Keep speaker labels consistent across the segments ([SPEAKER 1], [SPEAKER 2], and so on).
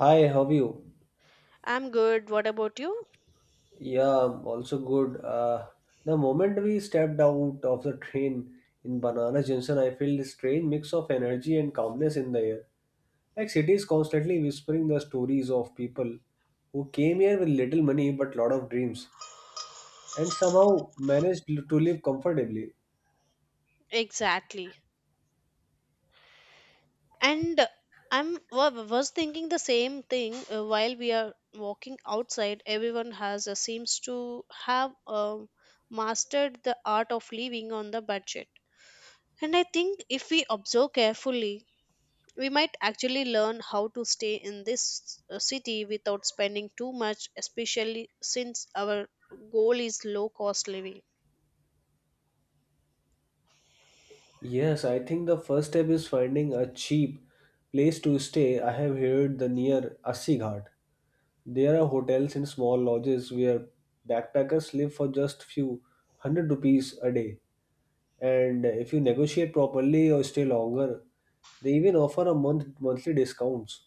[SPEAKER 1] Hi, how are you?
[SPEAKER 2] I'm good. What about you?
[SPEAKER 1] Yeah, I'm also good. The moment we stepped out of the train in Banana Junction, I felt a strange mix of energy and calmness in the air. Like city is constantly whispering the stories of people who came here with little money but lot of dreams and somehow managed to live comfortably.
[SPEAKER 2] Exactly. And I'm was thinking the same thing while we are walking outside. Everyone has seems to have mastered the art of living on the budget. And I think if we observe carefully, we might actually learn how to stay in this city without spending too much, especially since our goal is low cost living.
[SPEAKER 1] Yes, I think the first step is finding a cheap place to stay. I have heard the near Assi Ghat. There are hotels in small lodges where backpackers live for just few hundred rupees a day. And if you negotiate properly or stay longer, they even offer a month monthly discounts.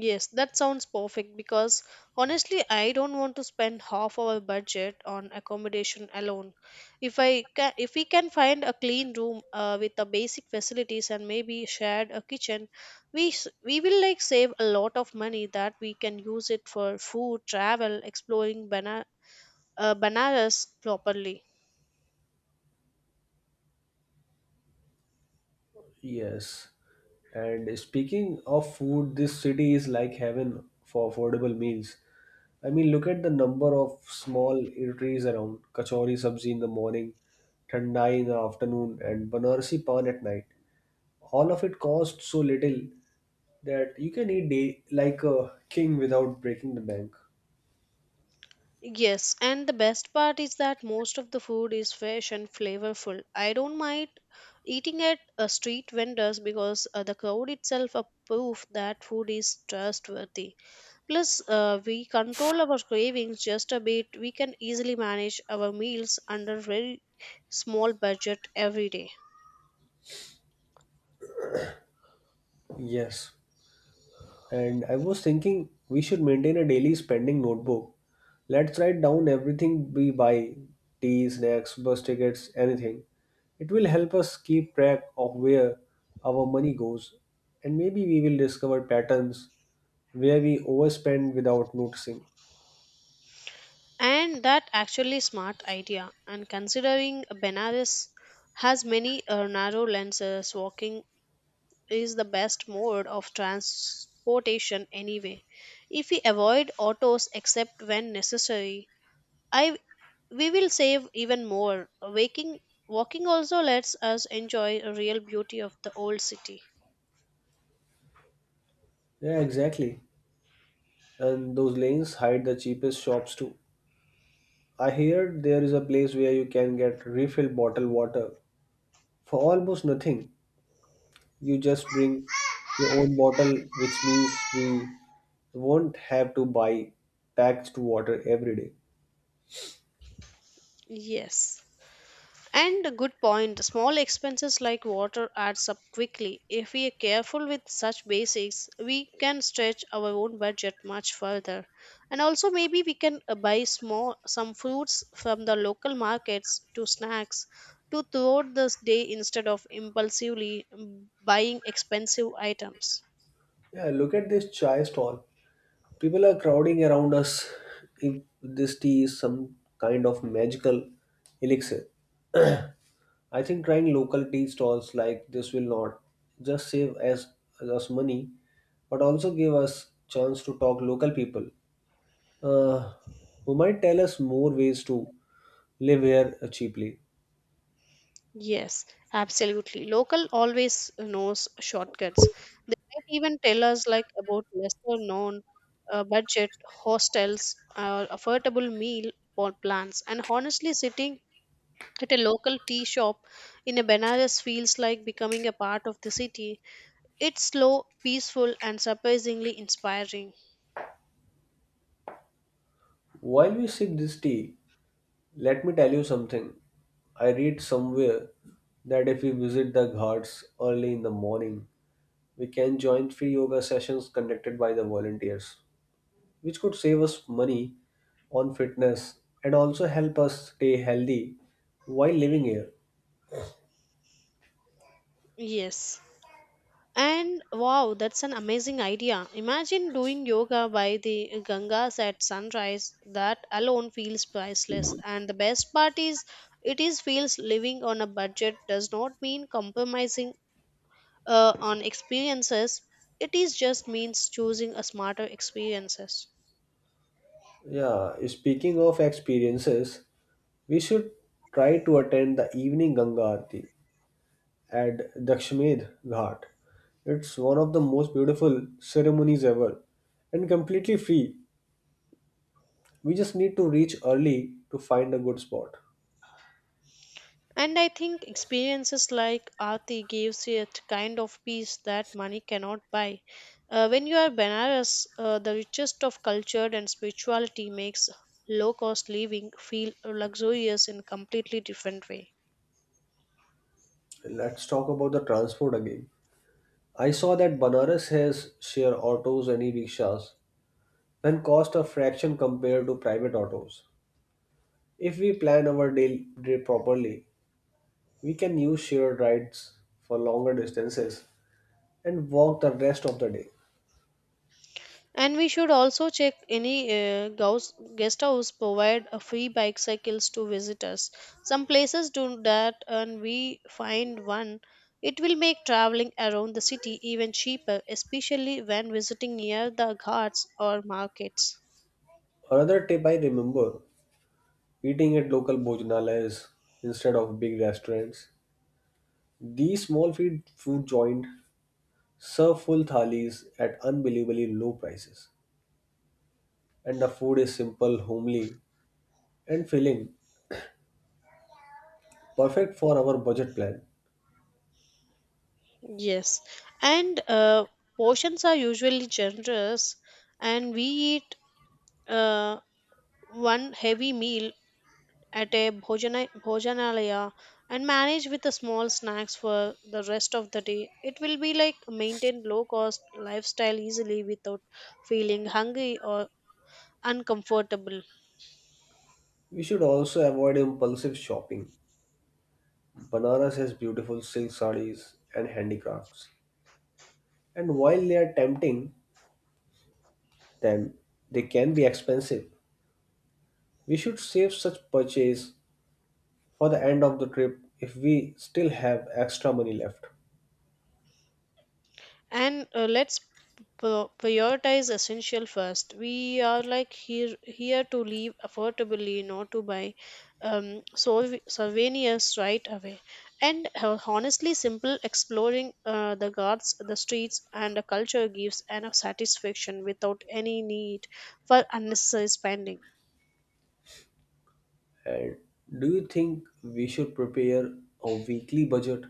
[SPEAKER 2] Yes, that sounds perfect because honestly, I don't want to spend half our budget on accommodation alone. If I ca- if we can find a clean room with the basic facilities and maybe shared a kitchen, we will like save a lot of money that we can use it for food, travel, exploring Banaras properly.
[SPEAKER 1] Yes. And speaking of food, this city is like heaven for affordable meals. I mean, look at the number of small eateries around. Kachori sabzi in the morning, thandai in the afternoon, and banarsi pan at night. All of it costs so little that you can eat day like a king without breaking the bank.
[SPEAKER 2] Yes, and the best part is that most of the food is fresh and flavorful. I don't mind eating at a street vendors because the crowd itself are proof that food is trustworthy. Plus, we control our cravings just a bit. We can easily manage our meals under very small budget every day.
[SPEAKER 1] Yes. And I was thinking we should maintain a daily spending notebook. Let's write down everything we buy tea, snacks, bus tickets, anything. It will help us keep track of where our money goes, and maybe we will discover patterns where we overspend without noticing.
[SPEAKER 2] And that actually smart idea. And considering Benares has many narrow lenses, walking is the best mode of transportation anyway. If we avoid autos except when necessary, I we will save even more. Waking walking also lets us enjoy the real beauty of the old city.
[SPEAKER 1] Yeah, exactly. And those lanes hide the cheapest shops too. I hear there is a place where you can get refill bottled water for almost nothing. You just bring your own bottle, which means we won't have to buy packaged water every day.
[SPEAKER 2] Yes. And a good point. Small expenses like water adds up quickly. If we are careful with such basics, we can stretch our own budget much further. And also maybe we can buy small some fruits from the local markets to snacks to throughout this day instead of impulsively buying expensive items.
[SPEAKER 1] Yeah, look at this chai stall. People are crowding around us. If this tea is some kind of magical elixir. I think trying local tea stalls like this will not just save us money, but also give us chance to talk local people uh, who might tell us more ways to live here cheaply.
[SPEAKER 2] Yes, absolutely. Local always knows shortcuts. They might even tell us like about lesser known budget hostels, affordable meal or plans. And honestly, sitting at a local tea shop in a Benares feels like becoming a part of the city. It's slow, peaceful, and surprisingly inspiring.
[SPEAKER 1] While we sip this tea, let me tell you something. I read somewhere that if we visit the ghats early in the morning, we can join free yoga sessions conducted by the volunteers, which could save us money on fitness and also help us stay healthy while living here.
[SPEAKER 2] Yes. And wow, that's an amazing idea. Imagine doing yoga by the Gangas at sunrise. That alone feels priceless. And the best part is, it is feels living on a budget does not mean compromising on experiences. It is just means choosing a smarter experiences.
[SPEAKER 1] Yeah, speaking of experiences, we should try to attend the evening Ganga Aarti at Dakshamed Ghat. It's one of the most beautiful ceremonies ever and completely free. We just need to reach early to find a good spot.
[SPEAKER 2] And I think experiences like Aarti gives you a kind of peace that money cannot buy. When you are Benares, the richest of culture and spirituality makes low cost living feel luxurious in completely different way.
[SPEAKER 1] Let's talk about the transport again. I saw that Banaras has share autos and e-rickshaws and cost a fraction compared to private autos. If we plan our day properly, we can use shared rides for longer distances and walk the rest of the day.
[SPEAKER 2] And we should also check any guest house provide a free bicycles to visitors. Some places do that, and we find one. It will make traveling around the city even cheaper, especially when visiting near the ghats or markets.
[SPEAKER 1] Another tip I remember: eating at local bhojanalayas instead of big restaurants, these small feed food joint serve full thalis at unbelievably low prices. And the food is simple, homely, and filling, perfect for our budget plan.
[SPEAKER 2] Yes, and portions are usually generous, and we eat uh, one heavy meal at a bhojanalaya and manage with the small snacks for the rest of the day. It will be like maintain low cost lifestyle easily without feeling hungry or uncomfortable.
[SPEAKER 1] We should also avoid impulsive shopping. Banaras has beautiful silk sarees and handicrafts. And while they are tempting, then they can be expensive. We should save such purchase for the end of the trip if we still have extra money left.
[SPEAKER 2] And let's prioritize essential first. We are like here to live affordably, not to buy souvenirs right away. And honestly, simple exploring the guards, the streets, and the culture gives enough satisfaction without any need for unnecessary spending.
[SPEAKER 1] And do you think we should prepare a weekly budget?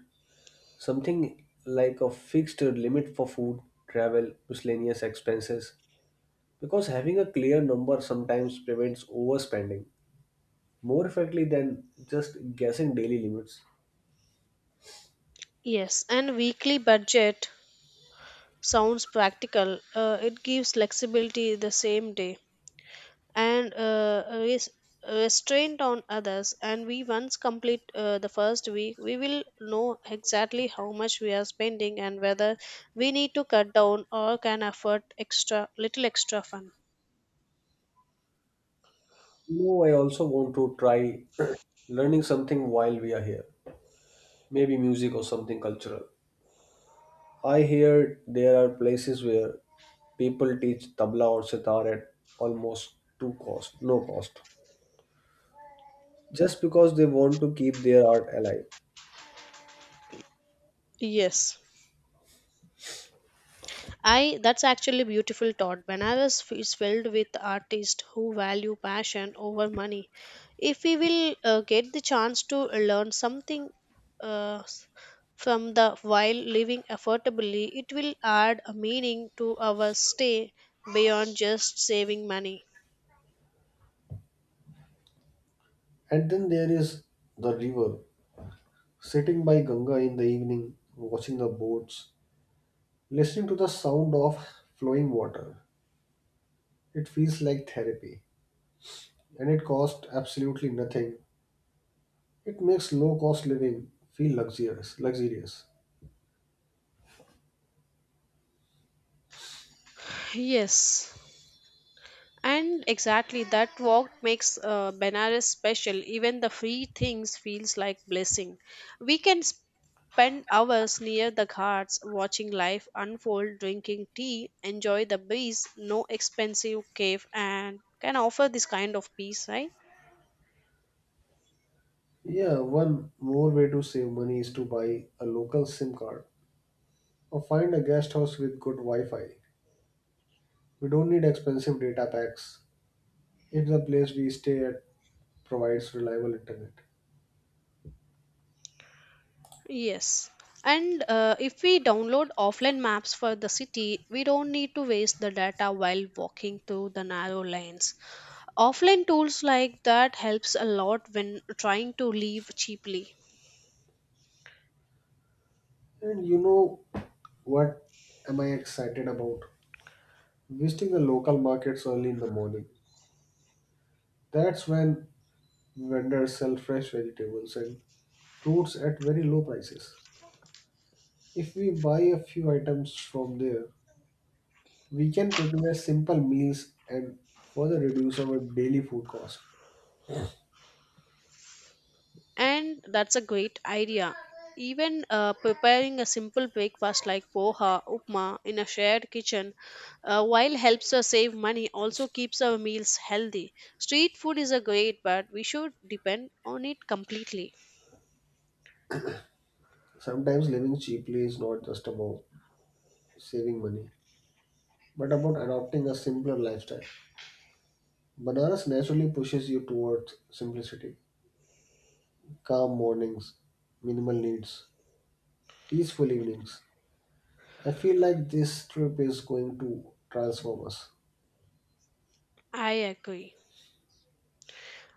[SPEAKER 1] Something like a fixed limit for food, travel, miscellaneous expenses? Because having a clear number sometimes prevents overspending more effectively than just guessing daily limits.
[SPEAKER 2] Yes, and weekly budget sounds practical. It gives flexibility the same day and restraint on others, and we once complete the first week, we will know exactly how much we are spending and whether we need to cut down or can afford extra little extra fun.
[SPEAKER 1] No, I also want to try learning something while we are here. Maybe music or something cultural. I hear there are places where people teach tabla or sitar at almost to cost, no cost, just because they want to keep their art alive.
[SPEAKER 2] Yes, I that's actually beautiful thought. Banaras is filled with artists who value passion over money. If we will get the chance to learn something uh, s- from the while living affordably, it will add a meaning to our stay beyond just saving money.
[SPEAKER 1] And then there is the river, sitting by Ganga in the evening, watching the boats, listening to the sound of flowing water. It feels like therapy, and it costs absolutely nothing. It makes low cost living feel luxurious.
[SPEAKER 2] Yes. And exactly that walk makes benares special. Even the free things feels like blessing. We can spend hours near the ghats watching life unfold, drinking tea, enjoy the breeze. No expensive cave and can offer this kind of peace, right?
[SPEAKER 1] Yeah, one more way to save money is to buy a local SIM card or find a guest house with good Wi-Fi. We don't need expensive data packs if the place we stay at provides reliable internet.
[SPEAKER 2] Yes. And if we download offline maps for the city, we don't need to waste the data while walking through the narrow lanes. Offline tools like that helps a lot when trying to leave cheaply.
[SPEAKER 1] And you know what am I excited about? Visiting the local markets early in the morning. That's when vendors sell fresh vegetables and fruits at very low prices. If we buy a few items from there, we can prepare simple meals and further reduce our daily food cost.
[SPEAKER 2] And that's a great idea. Even preparing a simple breakfast like poha, upma in a shared kitchen, while helps us save money, also keeps our meals healthy. Street food is a great, but we should depend on it completely.
[SPEAKER 1] Sometimes living cheaply is not just about saving money, but about adopting a simpler lifestyle. Banaras naturally pushes you towards simplicity, calm mornings, minimal needs, peaceful evenings. I feel like this trip is going to transform us.
[SPEAKER 2] I agree.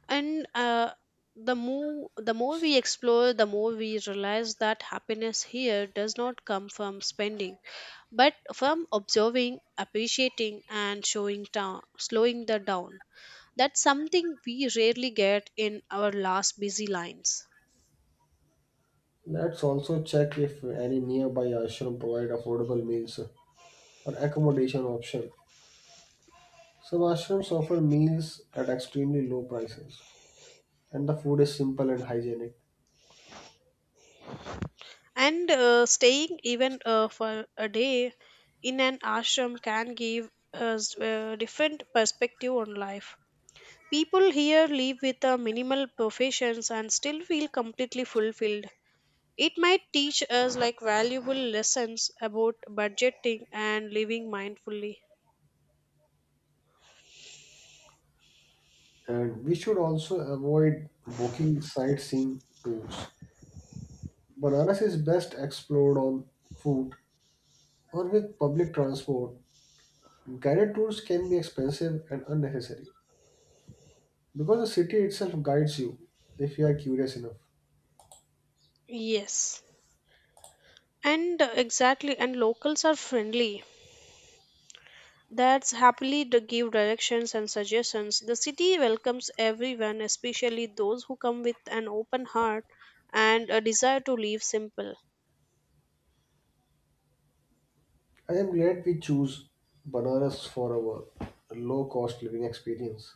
[SPEAKER 2] And the more we explore, the more we realize that happiness here does not come from spending, but from observing, appreciating, and showing down, slowing the down. That's something we rarely get in our last busy lines.
[SPEAKER 1] Let's also check if any nearby ashram provide affordable meals or accommodation option. Some ashrams offer meals at extremely low prices, and the food is simple and hygienic.
[SPEAKER 2] And Staying even for a day in an ashram can give us a different perspective on life. People here live with a minimal professions and still feel completely fulfilled. It might teach us like valuable lessons about budgeting and living mindfully.
[SPEAKER 1] And we should also avoid booking sightseeing tours. Banaras is best explored on foot or with public transport. Guided tours can be expensive and unnecessary because the city itself guides you if you are curious enough.
[SPEAKER 2] Yes. And exactly, and locals are friendly. That's happily to give directions and suggestions. The city welcomes everyone, especially those who come with an open heart and a desire to live simple.
[SPEAKER 1] I am glad we choose Banaras for our low cost living experience.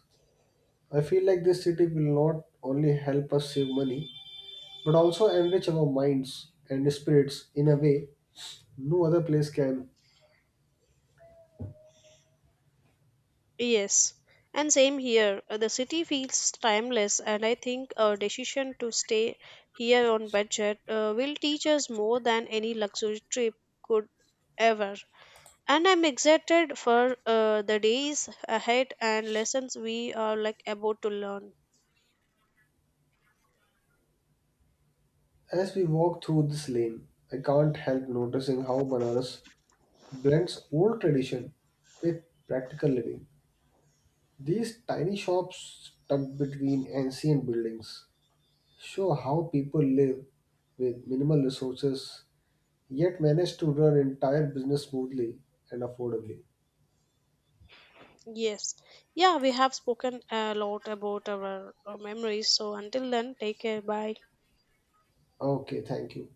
[SPEAKER 1] I feel like this city will not only help us save money but also enrich our minds and spirits in a way no other place can.
[SPEAKER 2] Yes, and same here. The city feels timeless, and I think our decision to stay here on budget will teach us more than any luxury trip could ever. And I'm excited for the days ahead and lessons we are like about to learn.
[SPEAKER 1] As we walk through this lane, I can't help noticing how Banaras blends old tradition with practical living. These tiny shops tucked between ancient buildings show how people live with minimal resources yet manage to run entire business smoothly and affordably.
[SPEAKER 2] Yes, yeah, we have spoken a lot about our memories. So until then, take care. Bye.
[SPEAKER 1] Okay, thank you.